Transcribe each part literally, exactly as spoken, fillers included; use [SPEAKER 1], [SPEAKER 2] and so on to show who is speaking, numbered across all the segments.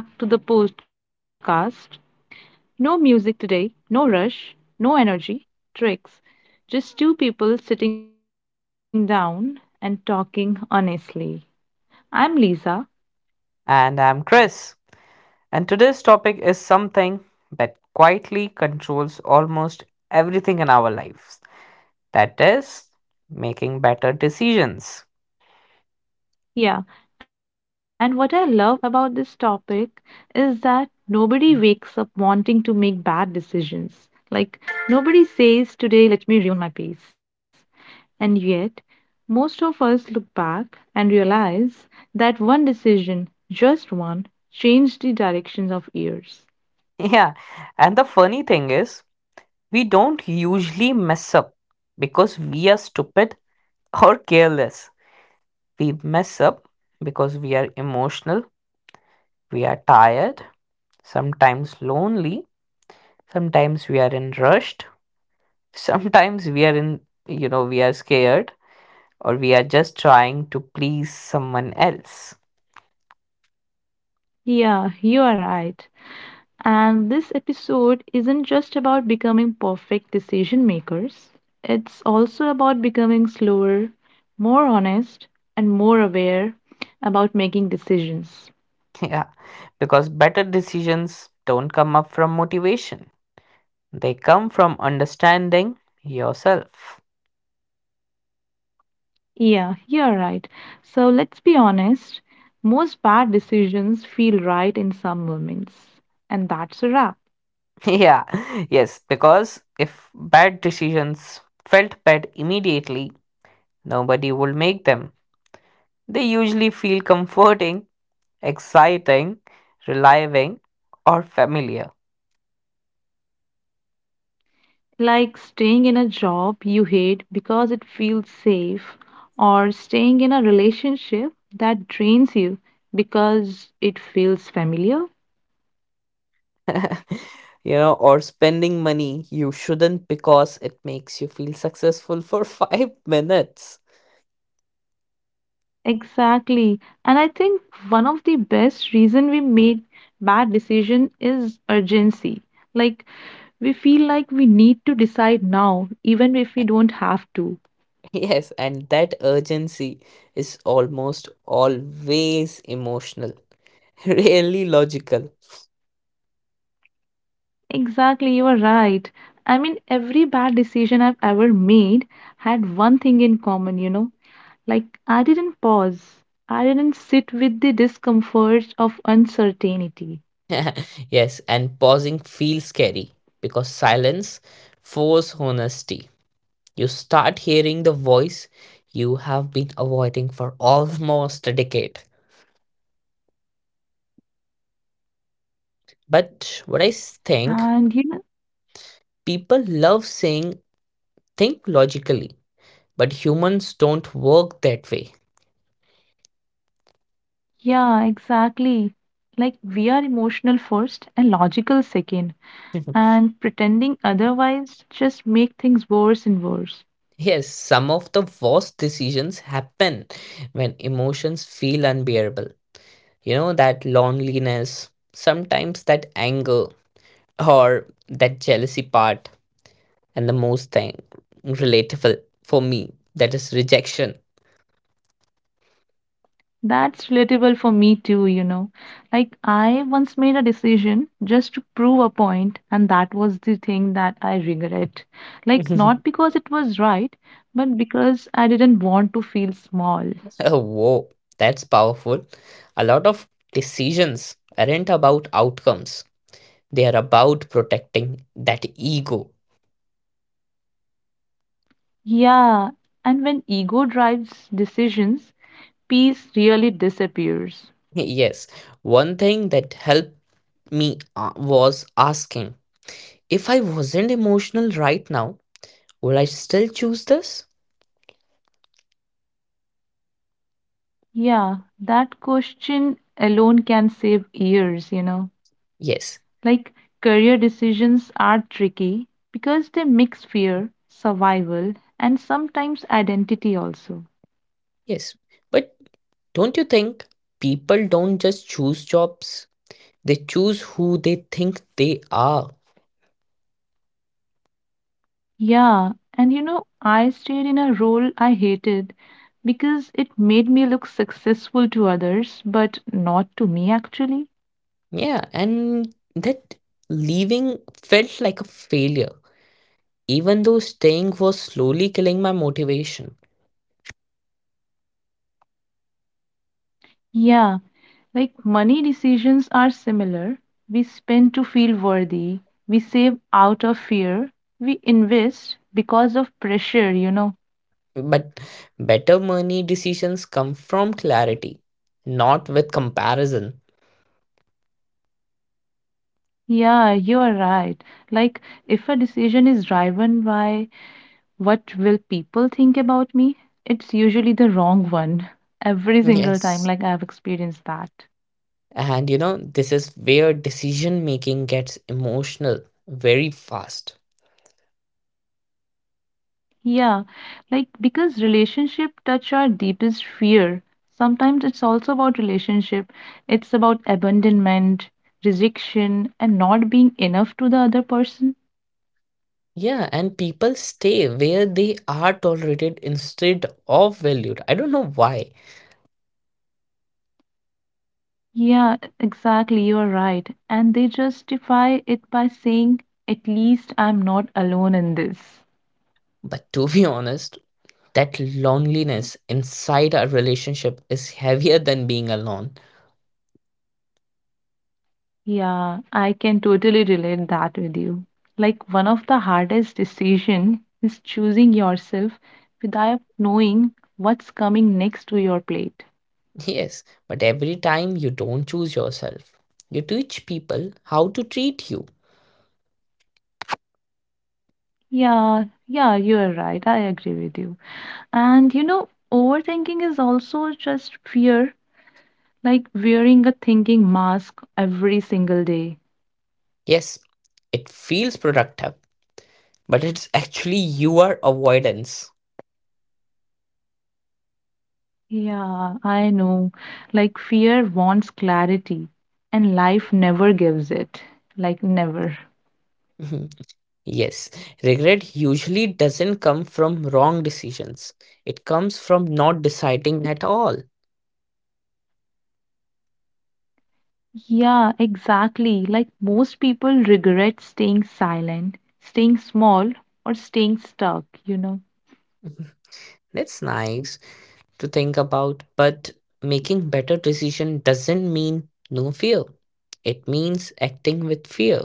[SPEAKER 1] Welcome back to the podcast. No music today, no rush, no energy, tricks. Just two people sitting down and talking honestly. I'm Lisa.
[SPEAKER 2] And I'm Chris. And today's topic is something that quietly controls almost everything in our lives that is, making better decisions.
[SPEAKER 1] Yeah, and what I love about this topic is that nobody wakes up wanting to make bad decisions. Like, nobody says, today, let me ruin my peace. And yet, most of us look back and realize that one decision, just one, changed the directions of years.
[SPEAKER 2] Yeah, and the funny thing is, we don't usually mess up because we are stupid or careless. We mess up because we are emotional, we are tired, sometimes lonely, sometimes we are in rushed, sometimes we are in, you know, we are scared or we are just trying to please someone else.
[SPEAKER 1] Yeah, you are right. And this episode isn't just about becoming perfect decision makers, it's also about becoming slower, more honest, and more aware about making decisions.
[SPEAKER 2] Yeah, because better decisions don't come up from motivation, they come from understanding yourself.
[SPEAKER 1] Yeah, you're right. So let's be honest, most bad decisions feel right in some moments. And that's a wrap.
[SPEAKER 2] Yeah, yes, because if bad decisions felt bad immediately, nobody would make them. They usually feel comforting, exciting, relieving, or familiar.
[SPEAKER 1] Like staying in a job you hate because it feels safe, or staying in a relationship that drains you because it feels familiar.
[SPEAKER 2] you know, or spending money you shouldn't because it makes you feel successful for five minutes.
[SPEAKER 1] Exactly. And I think one of the best reason we made bad decision is urgency. Like, we feel like we need to decide now even if we don't have to.
[SPEAKER 2] Yes, and that urgency is almost always emotional, rarely logical.
[SPEAKER 1] Exactly, you are right. I mean, every bad decision I've ever made had one thing in common, you know Like, I didn't pause. I didn't sit with the discomfort of uncertainty.
[SPEAKER 2] yes, and pausing feels scary because silence forces honesty. You start hearing the voice you have been avoiding for almost a decade. But what I s- think
[SPEAKER 1] And you know,
[SPEAKER 2] people love saying, "Think logically," but humans don't work that way.
[SPEAKER 1] yeah, exactly. Like, we are emotional first and logical second. And pretending otherwise just make things worse and worse.
[SPEAKER 2] Yes, some of the worst decisions happen when emotions feel unbearable. You know, that loneliness, sometimes that anger or that jealousy part, and the most thing relatable for me that is rejection.
[SPEAKER 1] That's relatable for me too, you know. Like, I once made a decision just to prove a point, and that was the thing that I regret. Like,
[SPEAKER 2] oh,
[SPEAKER 1] not because it was right, but because I didn't want to feel small.
[SPEAKER 2] whoa, that's powerful. A lot of decisions aren't about outcomes, they are about protecting that ego.
[SPEAKER 1] Yeah, and when ego drives decisions, peace really disappears.
[SPEAKER 2] Yes, one thing that helped me uh, was asking, if I wasn't emotional right now, would I still choose this?
[SPEAKER 1] Yeah, that question alone can save years, you know.
[SPEAKER 2] Yes,
[SPEAKER 1] Like, career decisions are tricky because they mix fear, survival, and sometimes identity also.
[SPEAKER 2] yes. But don't you think people don't just choose jobs? They choose who they think they are.
[SPEAKER 1] Yeah, and you know, I stayed in a role I hated because it made me look successful to others, but not to me actually.
[SPEAKER 2] Yeah, and that leaving felt like a failure, even though staying was slowly killing my motivation.
[SPEAKER 1] Yeah, like money decisions are similar. We spend to feel worthy, we save out of fear, we invest because of pressure, you know.
[SPEAKER 2] But better money decisions come from clarity, not with comparison.
[SPEAKER 1] Yeah, you are right. Like, if a decision is driven by what will people think about me, it's usually the wrong one every single time.
[SPEAKER 2] Yes.
[SPEAKER 1] Like, I've experienced that.
[SPEAKER 2] And you know, this is where decision making gets emotional very fast.
[SPEAKER 1] Yeah, like because relationship touch our deepest fear. Sometimes it's also about relationship. It's about abandonment, rejection, and not being enough to the other person.
[SPEAKER 2] Yeah, and people stay where they are tolerated instead of valued. I don't know why,
[SPEAKER 1] Yeah, exactly, you're right. And they justify it by saying, at least I'm not alone in this.
[SPEAKER 2] but to be honest, that loneliness inside our relationship is heavier than being alone.
[SPEAKER 1] Yeah, I can totally relate that with you. Like, one of the hardest decision is choosing yourself without knowing what's coming next to your plate.
[SPEAKER 2] Yes, but every time you don't choose yourself, you teach people how to treat you.
[SPEAKER 1] Yeah, yeah, you're right. I agree with you. And you know, overthinking is also just fear, like wearing a thinking mask every single day.
[SPEAKER 2] Yes, it feels productive, but it's actually your avoidance.
[SPEAKER 1] Yeah, I know. Like, fear wants clarity, and life never gives it. Like never.
[SPEAKER 2] Mhm. yes, regret usually doesn't come from wrong decisions, it comes from not deciding at all.
[SPEAKER 1] Yeah, exactly. Like, most people regret staying silent, staying small, or staying stuck, you know.
[SPEAKER 2] That's nice to think about, but making better decision doesn't mean no fear. It means acting with fear.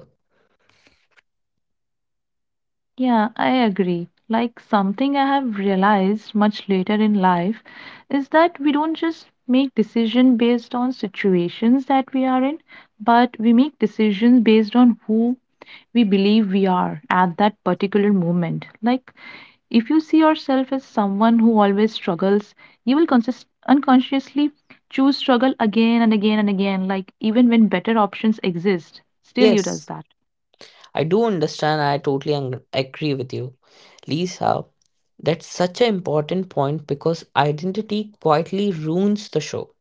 [SPEAKER 1] Yeah, I agree. Like, something I have realized much later in life is that we don't just make decisions based on situations that we are in, but we make decisions based on who we believe we are at that particular moment. Like, if you see yourself as someone who always struggles, you will consist- unconsciously choose struggle again and again and again, like even when better options
[SPEAKER 2] Yes,
[SPEAKER 1] exist, still you
[SPEAKER 2] I
[SPEAKER 1] does
[SPEAKER 2] do
[SPEAKER 1] that.
[SPEAKER 2] understand. I totally ang- agree with you, Lisa. That's such an important point because identity quietly ruins the show.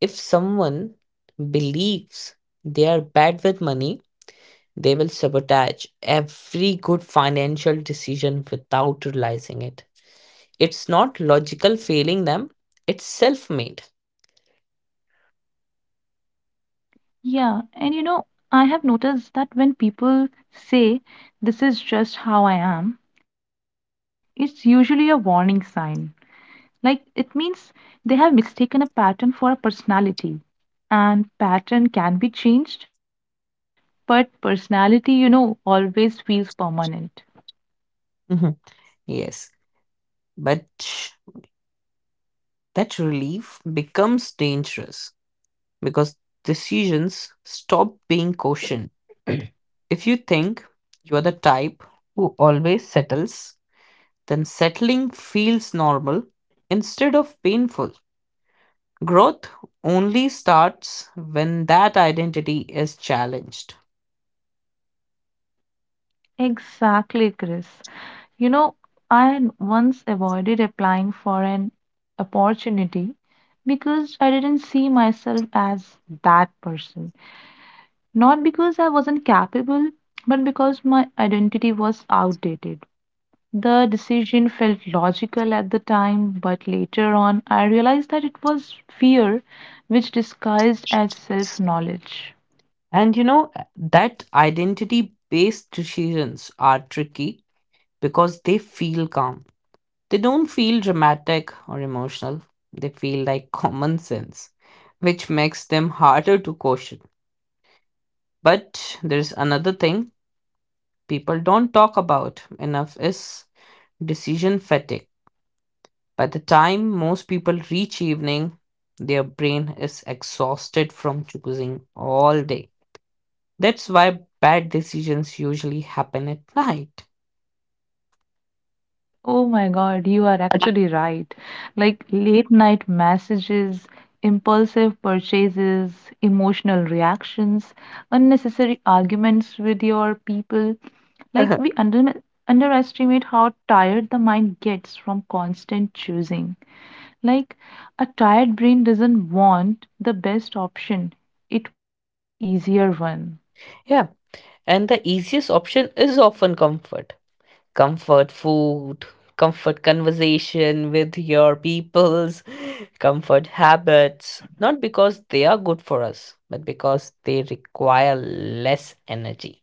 [SPEAKER 2] If someone believes they are bad with money, they will sabotage every good financial decision without realizing it. It's not logical failing them, it's self made.
[SPEAKER 1] Yeah, and you know, I have noticed that when people say this is just how I am, it's usually a warning sign. Like, it means they have mistaken a pattern for a personality and pattern can be changed, but personality, you know, always feels permanent.
[SPEAKER 2] Mhm. Yes, but that relief becomes dangerous because decisions stop being cautioned. If you think you are the type who always settles, then settling feels normal instead of painful. Growth only starts when that identity is challenged.
[SPEAKER 1] Exactly, Chris. You know, I once avoided applying for an opportunity because I didn't see myself as that person. Not because I wasn't capable, but because my identity was outdated. The decision felt logical at the time, but later on I realized that it was fear which disguised as self knowledge.
[SPEAKER 2] And you know, that identity based decisions are tricky because they feel calm. They don't feel dramatic or emotional, they feel like common sense, which makes them harder to caution. But there's another thing people don't talk about enough is decision fatigue. By the time most people reach evening, their brain is exhausted from choosing all day. That's why bad decisions usually happen at night.
[SPEAKER 1] Oh my god, you are actually right. Like, late night messages, impulsive purchases, emotional reactions, unnecessary arguments with your people. Like, we under- underestimate how tired the mind gets from constant choosing. Like, a tired brain doesn't want the best option, it wants the easier one.
[SPEAKER 2] yeah, and the easiest option is often comfort. Comfort food, comfort conversation with your peoples, comfort habits, not because they are good for us, but because they require less energy.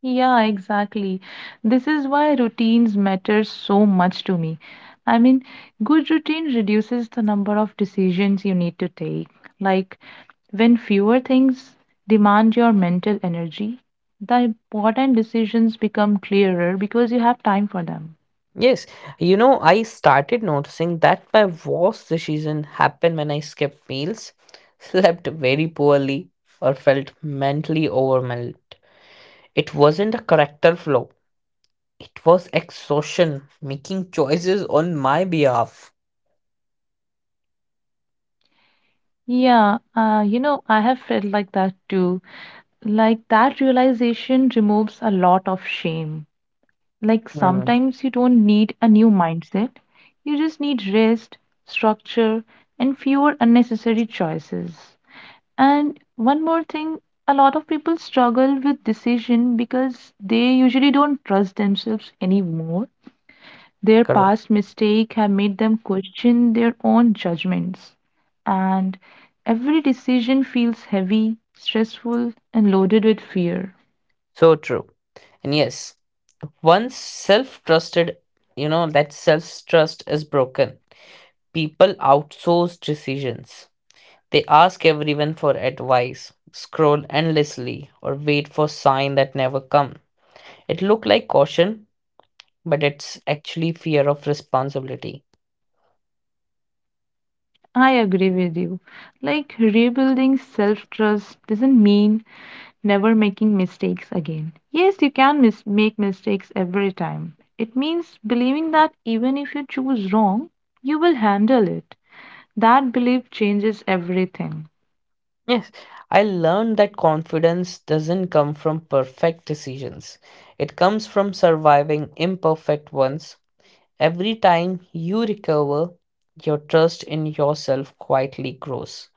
[SPEAKER 1] Yeah, exactly. This is why routines matter so much to me. I mean, good routine reduces the number of decisions you need to take. Like, when fewer things demand your mental energy, the important decisions become clearer because you have time for them.
[SPEAKER 2] Yes, you know, I started noticing that my worst decision happened when I skipped meals, slept very poorly, or felt mentally overwhelmed. It wasn't a character flaw, it was exhaustion making choices on my behalf.
[SPEAKER 1] Yeah, uh, you know, I have felt like that too. Like, that realization removes a lot of shame. Like,
[SPEAKER 2] Hmm,
[SPEAKER 1] sometimes you don't need a new mindset, you just need rest, structure, and fewer unnecessary choices. And one more thing, a lot of people struggle with decision because they usually don't trust themselves anymore. Their
[SPEAKER 2] correct.
[SPEAKER 1] past mistakes have made them question their own judgments. And every decision feels heavy, stressful, and loaded with fear.
[SPEAKER 2] So true. And yes, once self trusted, you know, that self trust is broken. People outsource decisions. They ask everyone for advice, scroll endlessly, or wait for sign that never come. It look like caution, but it's actually fear of responsibility.
[SPEAKER 1] I agree with you. Like, rebuilding self trust doesn't mean never making mistakes again. Yes, you can mis- make mistakes every time. It means believing that even if you choose wrong, you will handle it. That belief changes everything.
[SPEAKER 2] Yes, I learned that confidence doesn't come from perfect decisions. It comes from surviving imperfect ones. Every time you recover, your trust in yourself quietly grows.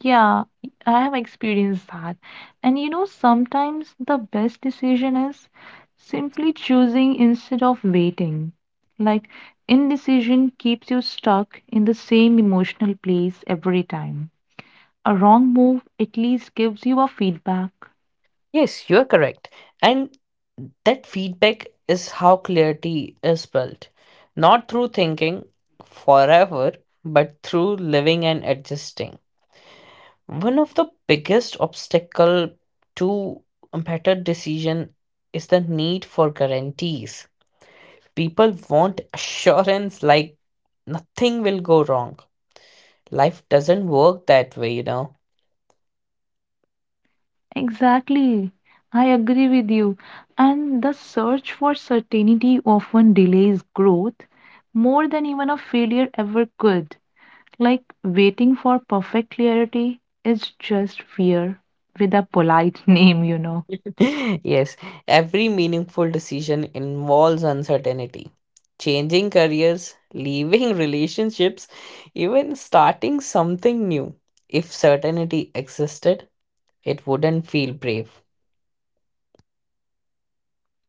[SPEAKER 1] Yeah, I have experienced that. And you know, sometimes the best decision is simply choosing instead of waiting. Like, indecision keeps you stuck in the same emotional place every time. A wrong move at least gives you a feedback.
[SPEAKER 2] Yes, you're correct. And that feedback is how clarity is built. Not through thinking forever, but through living and adjusting. One of the biggest obstacle to a better decision is the need for guarantees. People want assurance like nothing will go wrong. Life doesn't work that way, you know.
[SPEAKER 1] Exactly. I agree with you. And the search for certainty often delays growth more than even a failure ever could. Like, waiting for perfect clarity is just fear with a polite name, you know.
[SPEAKER 2] Yes, every meaningful decision involves uncertainty. Changing careers, leaving relationships, even starting something new. If certainty existed, it wouldn't feel brave.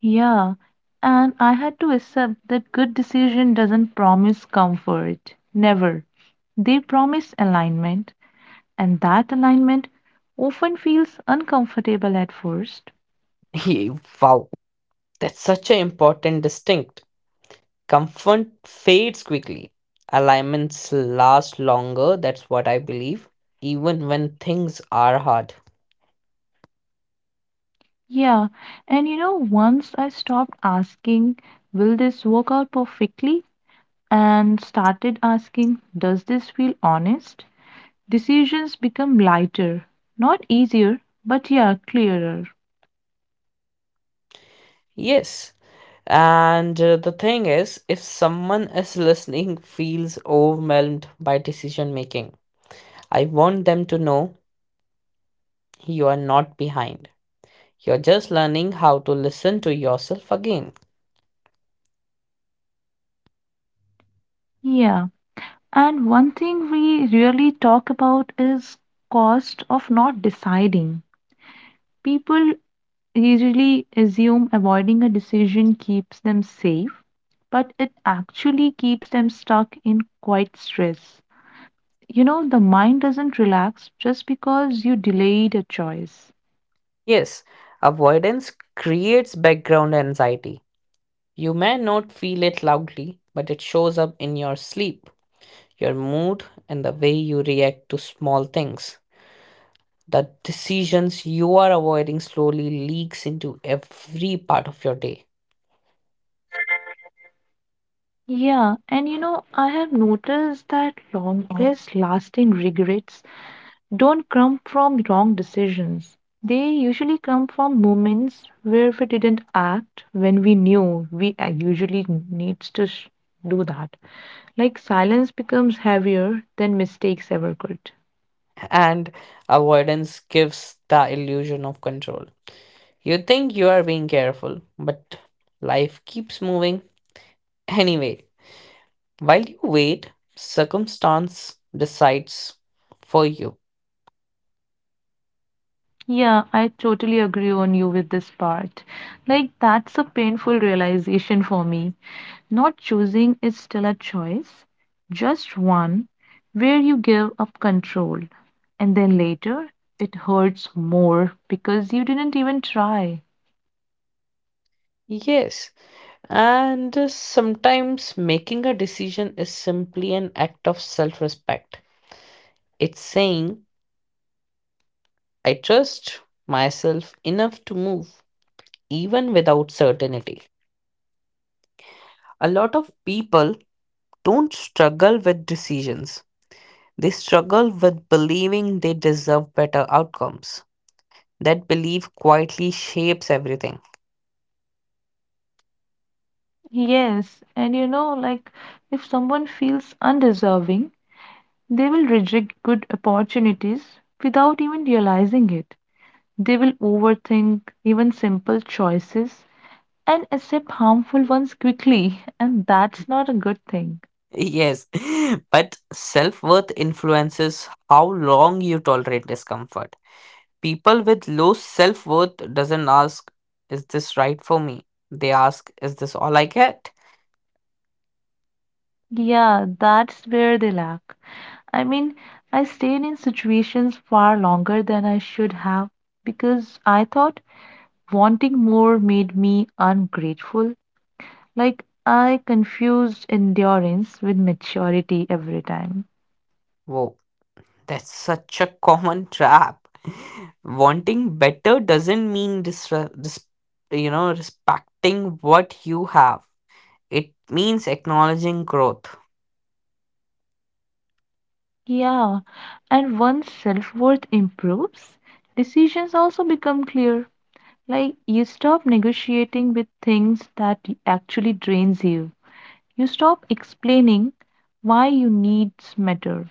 [SPEAKER 1] Yeah, and I had to accept that good decision doesn't promise comfort. Never. They promise alignment, and that alignment often feels uncomfortable at first.
[SPEAKER 2] Wow, that's such an important distinct. Comfort fades quickly. Alignments last longer, that's what I believe, even when things are hard.
[SPEAKER 1] Yeah, and you know, once I stopped asking, will this work out perfectly? And started asking, does this feel honest? Decisions become lighter. Not easier, but yeah, clearer.
[SPEAKER 2] Yes. And uh, the thing is, if someone is listening feels overwhelmed by decision making, I want them to know you are not behind. You're just learning how to listen to yourself again.
[SPEAKER 1] Yeah. And one thing we really talk about is cost of not deciding. People usually assume avoiding a decision keeps them safe, but it actually keeps them stuck in quite stress. You know, the mind doesn't relax just because you delayed a choice.
[SPEAKER 2] Yes, avoidance creates background anxiety. You may not feel it loudly, but it shows up in your sleep, your mood, and the way you react to small things. The decisions you are avoiding slowly leaks into every part of your day.
[SPEAKER 1] Yeah, and you know, I have noticed that longest lasting regrets don't come from wrong decisions. They usually come from moments where we didn't act when we knew we a- usually needs to sh- do that. Like, silence becomes heavier than mistakes ever could.
[SPEAKER 2] and avoidance gives the illusion of control. You think you are being careful, but life keeps moving anyway. While you wait, circumstance decides for you.
[SPEAKER 1] Yeah, I totally agree on you with this part. Like, that's a painful realization for me. Not choosing is still a choice, just one where you give up control, and then later it hurts more because you didn't even try.
[SPEAKER 2] Yes, and uh, sometimes making a decision is simply an act of self respect. It's saying, I trust myself enough to move, even without certainty. A lot of people don't struggle with decisions. They struggle with believing they deserve better outcomes. That belief quietly shapes everything.
[SPEAKER 1] Yes, and you know, like if someone feels undeserving, they will reject good opportunities without even realizing it. They will overthink even simple choices and accept harmful ones quickly, and that's not a good thing.
[SPEAKER 2] Yes, but self worth influences how long you tolerate discomfort. People with low self worth doesn't ask, "Is this right for me?" They ask, "Is this all I get?"
[SPEAKER 1] Yeah, that's where they lack. I mean, I stayed in situations far longer than I should have because I thought wanting more made me ungrateful. Like, I confused endurance with maturity every time.
[SPEAKER 2] Whoa, that's such a common trap. Wanting better doesn't mean dis- dis- you know respecting what you have. It means acknowledging growth.
[SPEAKER 1] Yeah, and once self worth improves, decisions also become clear. Like, you stop negotiating with things that y- actually drains you. You stop explaining why you needs matter.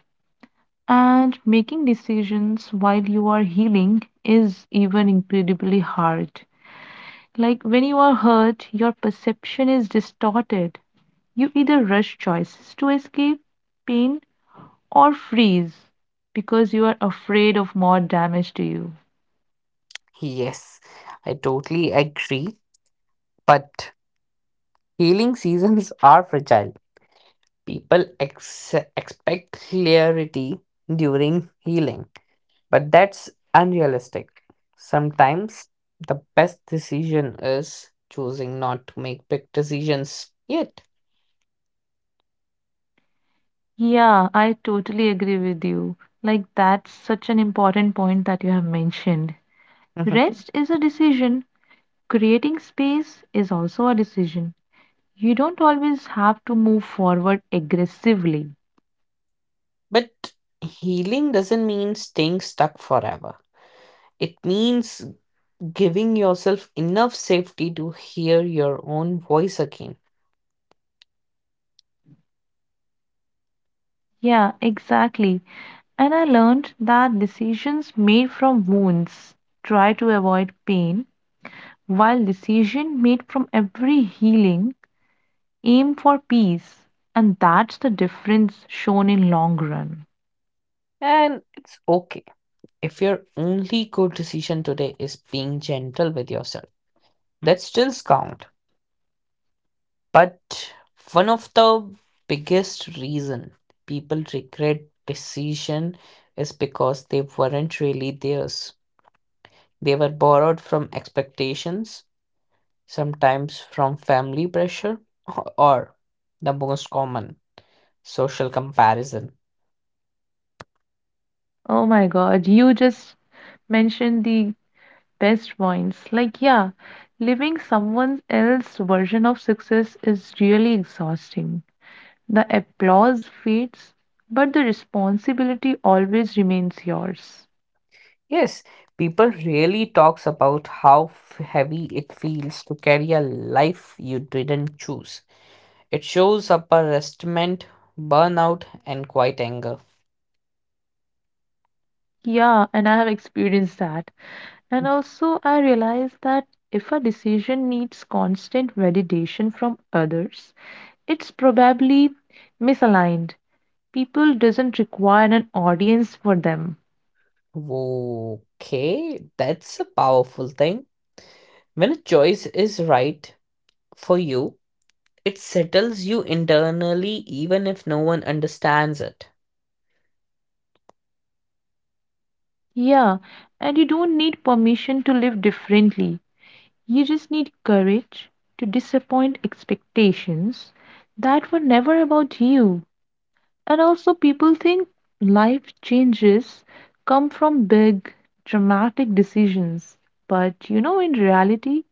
[SPEAKER 1] And making decisions while you are healing is even incredibly hard. Like, when you are hurt, your perception is distorted. You either rush choices to escape pain or freeze because you are afraid of more damage to you.
[SPEAKER 2] Yes, I totally agree. But healing seasons are fragile. People ex- expect clarity during healing, but that's unrealistic. Sometimes the best decision is choosing not to make big decisions yet.
[SPEAKER 1] Yeah, I totally agree with you. Like, that's such an important point that you have mentioned. Rest is a decision, creating space is also a decision. You don't always have to move forward aggressively.
[SPEAKER 2] But healing doesn't mean staying stuck forever. It means giving yourself enough safety to hear your own voice again.
[SPEAKER 1] Yeah, exactly. And I learned that decisions made from wounds try to avoid pain, while decisions made from every healing aim for peace. And that's the difference shown in long run.
[SPEAKER 2] And it's okay if your only good decision today is being gentle with yourself. That still counts. But one of the biggest reason people regret decision is because they weren't really theirs. They were borrowed from expectations, sometimes from family pressure, or the most common social comparison.
[SPEAKER 1] Oh my god, you just mentioned the best points. Like yeah, living someone else's version of success is really exhausting. The applause fades, but the responsibility always remains yours.
[SPEAKER 2] Yes, people really talks about how f- heavy it feels to carry a life you didn't choose. It shows up a resentment, burnout, and quite anger.
[SPEAKER 1] Yeah, and I have experienced that. And also, I realized that if a decision needs constant validation from others, it's probably misaligned. People doesn't require an audience for them.
[SPEAKER 2] Okay, that's a powerful thing. When a choice is right for you, it settles you internally even if no one understands it.
[SPEAKER 1] Yeah, and you don't need permission to live differently. You just need courage to disappoint expectations that were never about you. And also, people think life changes come from big, dramatic decisions. But you know, in reality,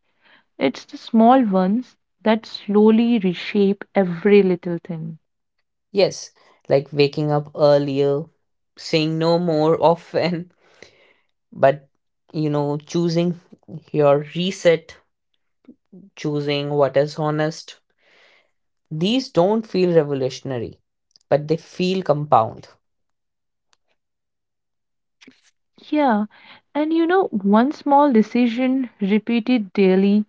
[SPEAKER 1] it's the small ones that slowly reshape every little thing.
[SPEAKER 2] Yes, like waking up earlier, saying no more often, but you know, choosing your reset, choosing what is honest. These don't feel revolutionary, but they feel compound.
[SPEAKER 1] Yeah, and you know, one small decision repeated daily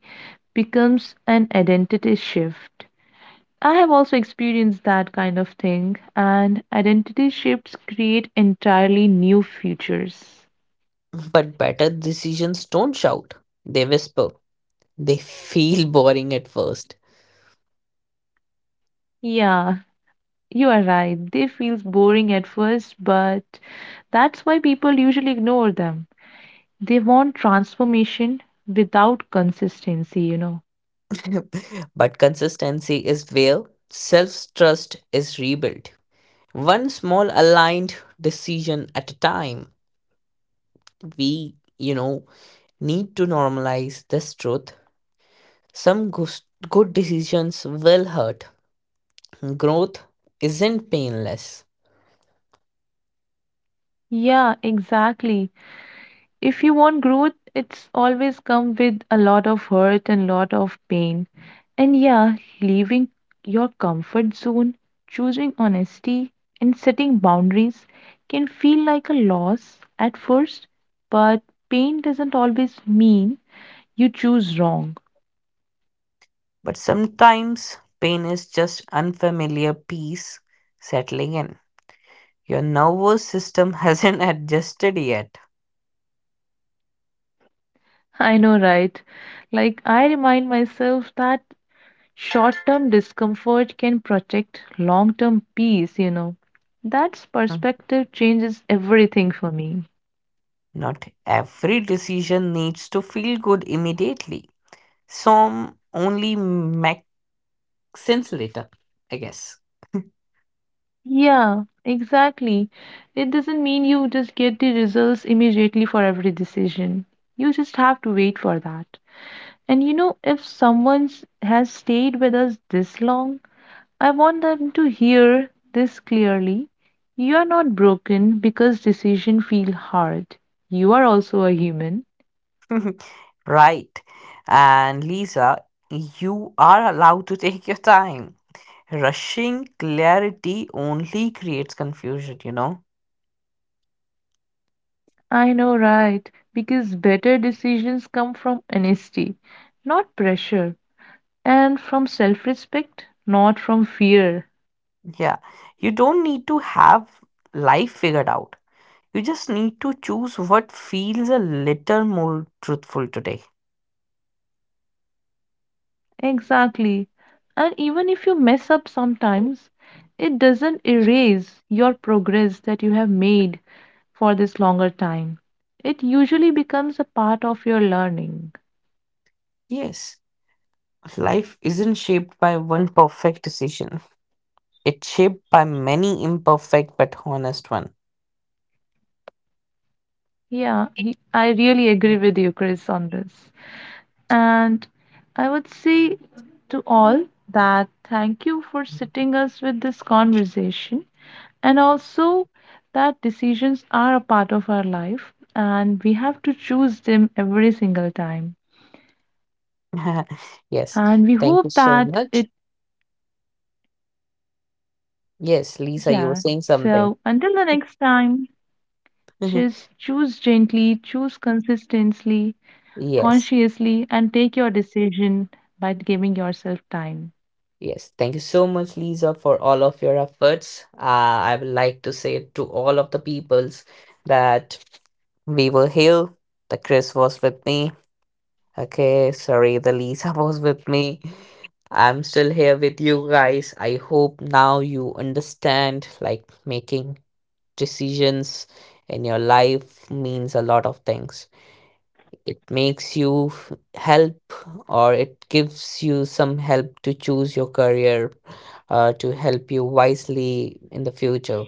[SPEAKER 1] becomes an identity shift. I have also experienced that kind of thing, and identity shifts create entirely new futures.
[SPEAKER 2] But better decisions don't shout, they whisper. They feel boring at first,
[SPEAKER 1] Yeah. You are right. They feels boring at first, but that's why people usually ignore them. They want transformation without consistency, you know.
[SPEAKER 2] but consistency is where self trust is rebuilt. One small aligned decision at a time. We, you know, need to normalize this truth. Some goos- good decisions will hurt. Growth isn't painless,
[SPEAKER 1] Yeah, exactly. If you want growth, it's always come with a lot of hurt and lot of pain. And yeah, leaving your comfort zone, choosing honesty, and setting boundaries can feel like a loss at first, but pain doesn't always mean you choose wrong.
[SPEAKER 2] but sometimes pain is just unfamiliar peace settling in. Your nervous system hasn't adjusted yet.
[SPEAKER 1] I know, right? Like, I remind myself that short term discomfort can protect long term peace, you know. That
[SPEAKER 2] Mm.
[SPEAKER 1] perspective changes everything for me.
[SPEAKER 2] Not every decision needs to feel good immediately. Some only make sense later, I guess.
[SPEAKER 1] Yeah, exactly. It doesn't mean you just get the results immediately for every decision. You just have to wait for that. And you know, if someone s- has stayed with us this long, I want them to hear this clearly. You are not broken because decisions feel hard. You are also a human.
[SPEAKER 2] right. And Lisa, you are allowed to take your time. Rushing clarity only creates confusion, you know.
[SPEAKER 1] I know, right? Because better decisions come from honesty, not pressure, and from self respect, not from fear.
[SPEAKER 2] Yeah, you don't need to have life figured out. You just need to choose what feels a little more truthful today.
[SPEAKER 1] Exactly. And even if you mess up sometimes, it doesn't erase your progress that you have made for this longer time. It usually becomes a part of your learning.
[SPEAKER 2] Yes, life isn't shaped by one perfect decision. It's shaped by many imperfect but honest one.
[SPEAKER 1] Yeah, he, I really agree with you, Chris, on this. And I would say to all that thank you for sitting us with this conversation and also that decisions are a part of our life and we have to choose them every single time.
[SPEAKER 2] Yes,
[SPEAKER 1] And we
[SPEAKER 2] thank you
[SPEAKER 1] hope
[SPEAKER 2] so
[SPEAKER 1] that
[SPEAKER 2] much.
[SPEAKER 1] it,
[SPEAKER 2] Yes, Lisa, you were
[SPEAKER 1] yeah.
[SPEAKER 2] saying something.
[SPEAKER 1] So until the next time, just choose gently, choose consistently,
[SPEAKER 2] Yes,
[SPEAKER 1] consciously, and take your decision by giving yourself time.
[SPEAKER 2] yes. Thank you so much, Lisa, for all of your efforts. Uh, I would like to say to all of the peoples that we were here. The Chris was with me. Okay, sorry, the Lisa was with me. I'm still here with you guys. I hope now you understand like making decisions in your life means a lot of things. It makes you help or it gives you some help to choose your career, uh, to help you wisely in the future.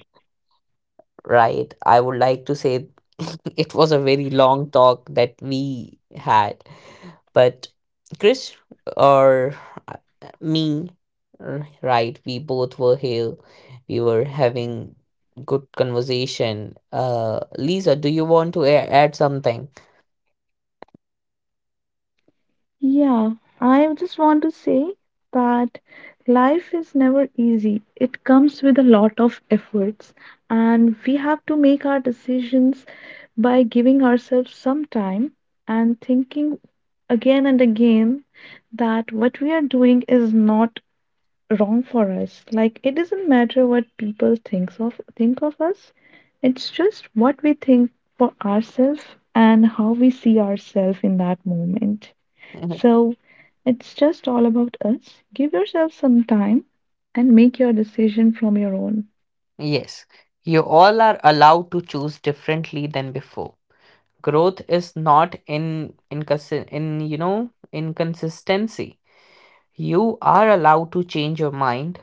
[SPEAKER 2] right? I would like to say it was a very long talk that we had, but Chris or uh, me, r- right? We both were here. We were having good conversation. Uh, Lisa, do you want to a- add something?
[SPEAKER 1] Yeah, I just want to say that life is never easy. It comes with a lot of efforts, and we have to make our decisions by giving ourselves some time and thinking again and again that what we are doing is not wrong for us. Like, it doesn't matter what people thinks of think of us. It's just what we think for ourselves and how we see ourselves in that moment.
[SPEAKER 2] Mhm.
[SPEAKER 1] So it's just all about us. Give yourself some time and make your decision from your own.
[SPEAKER 2] Yes, you all are allowed to choose differently than before. Growth is not in in in you know inconsistency. You are allowed to change your mind.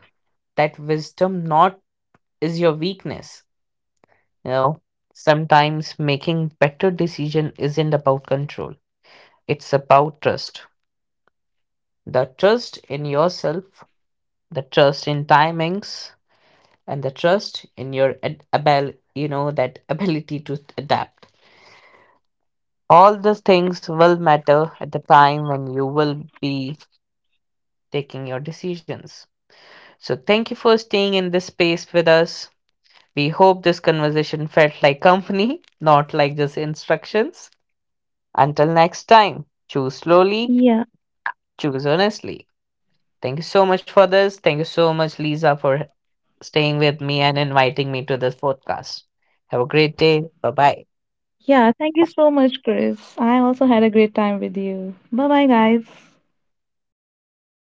[SPEAKER 2] That wisdom not is your weakness. You know, Sometimes making better decision isn't about control. It's about trust. The trust in yourself, the trust in timings, and the trust in your ad- abel, you know, that ability to adapt. All these things will matter at the time when you will be taking your decisions. So thank you for staying in this space with us. We hope this conversation felt like company, not like just instructions. Until next time, choose slowly,
[SPEAKER 1] Yeah.
[SPEAKER 2] choose honestly. Thank you so much for this. Thank you so much, Lisa, for staying with me and inviting me to this podcast. Have a great day. Bye bye.
[SPEAKER 1] Yeah. Thank you so much, Chris. I also had a great time with you. Bye bye, guys.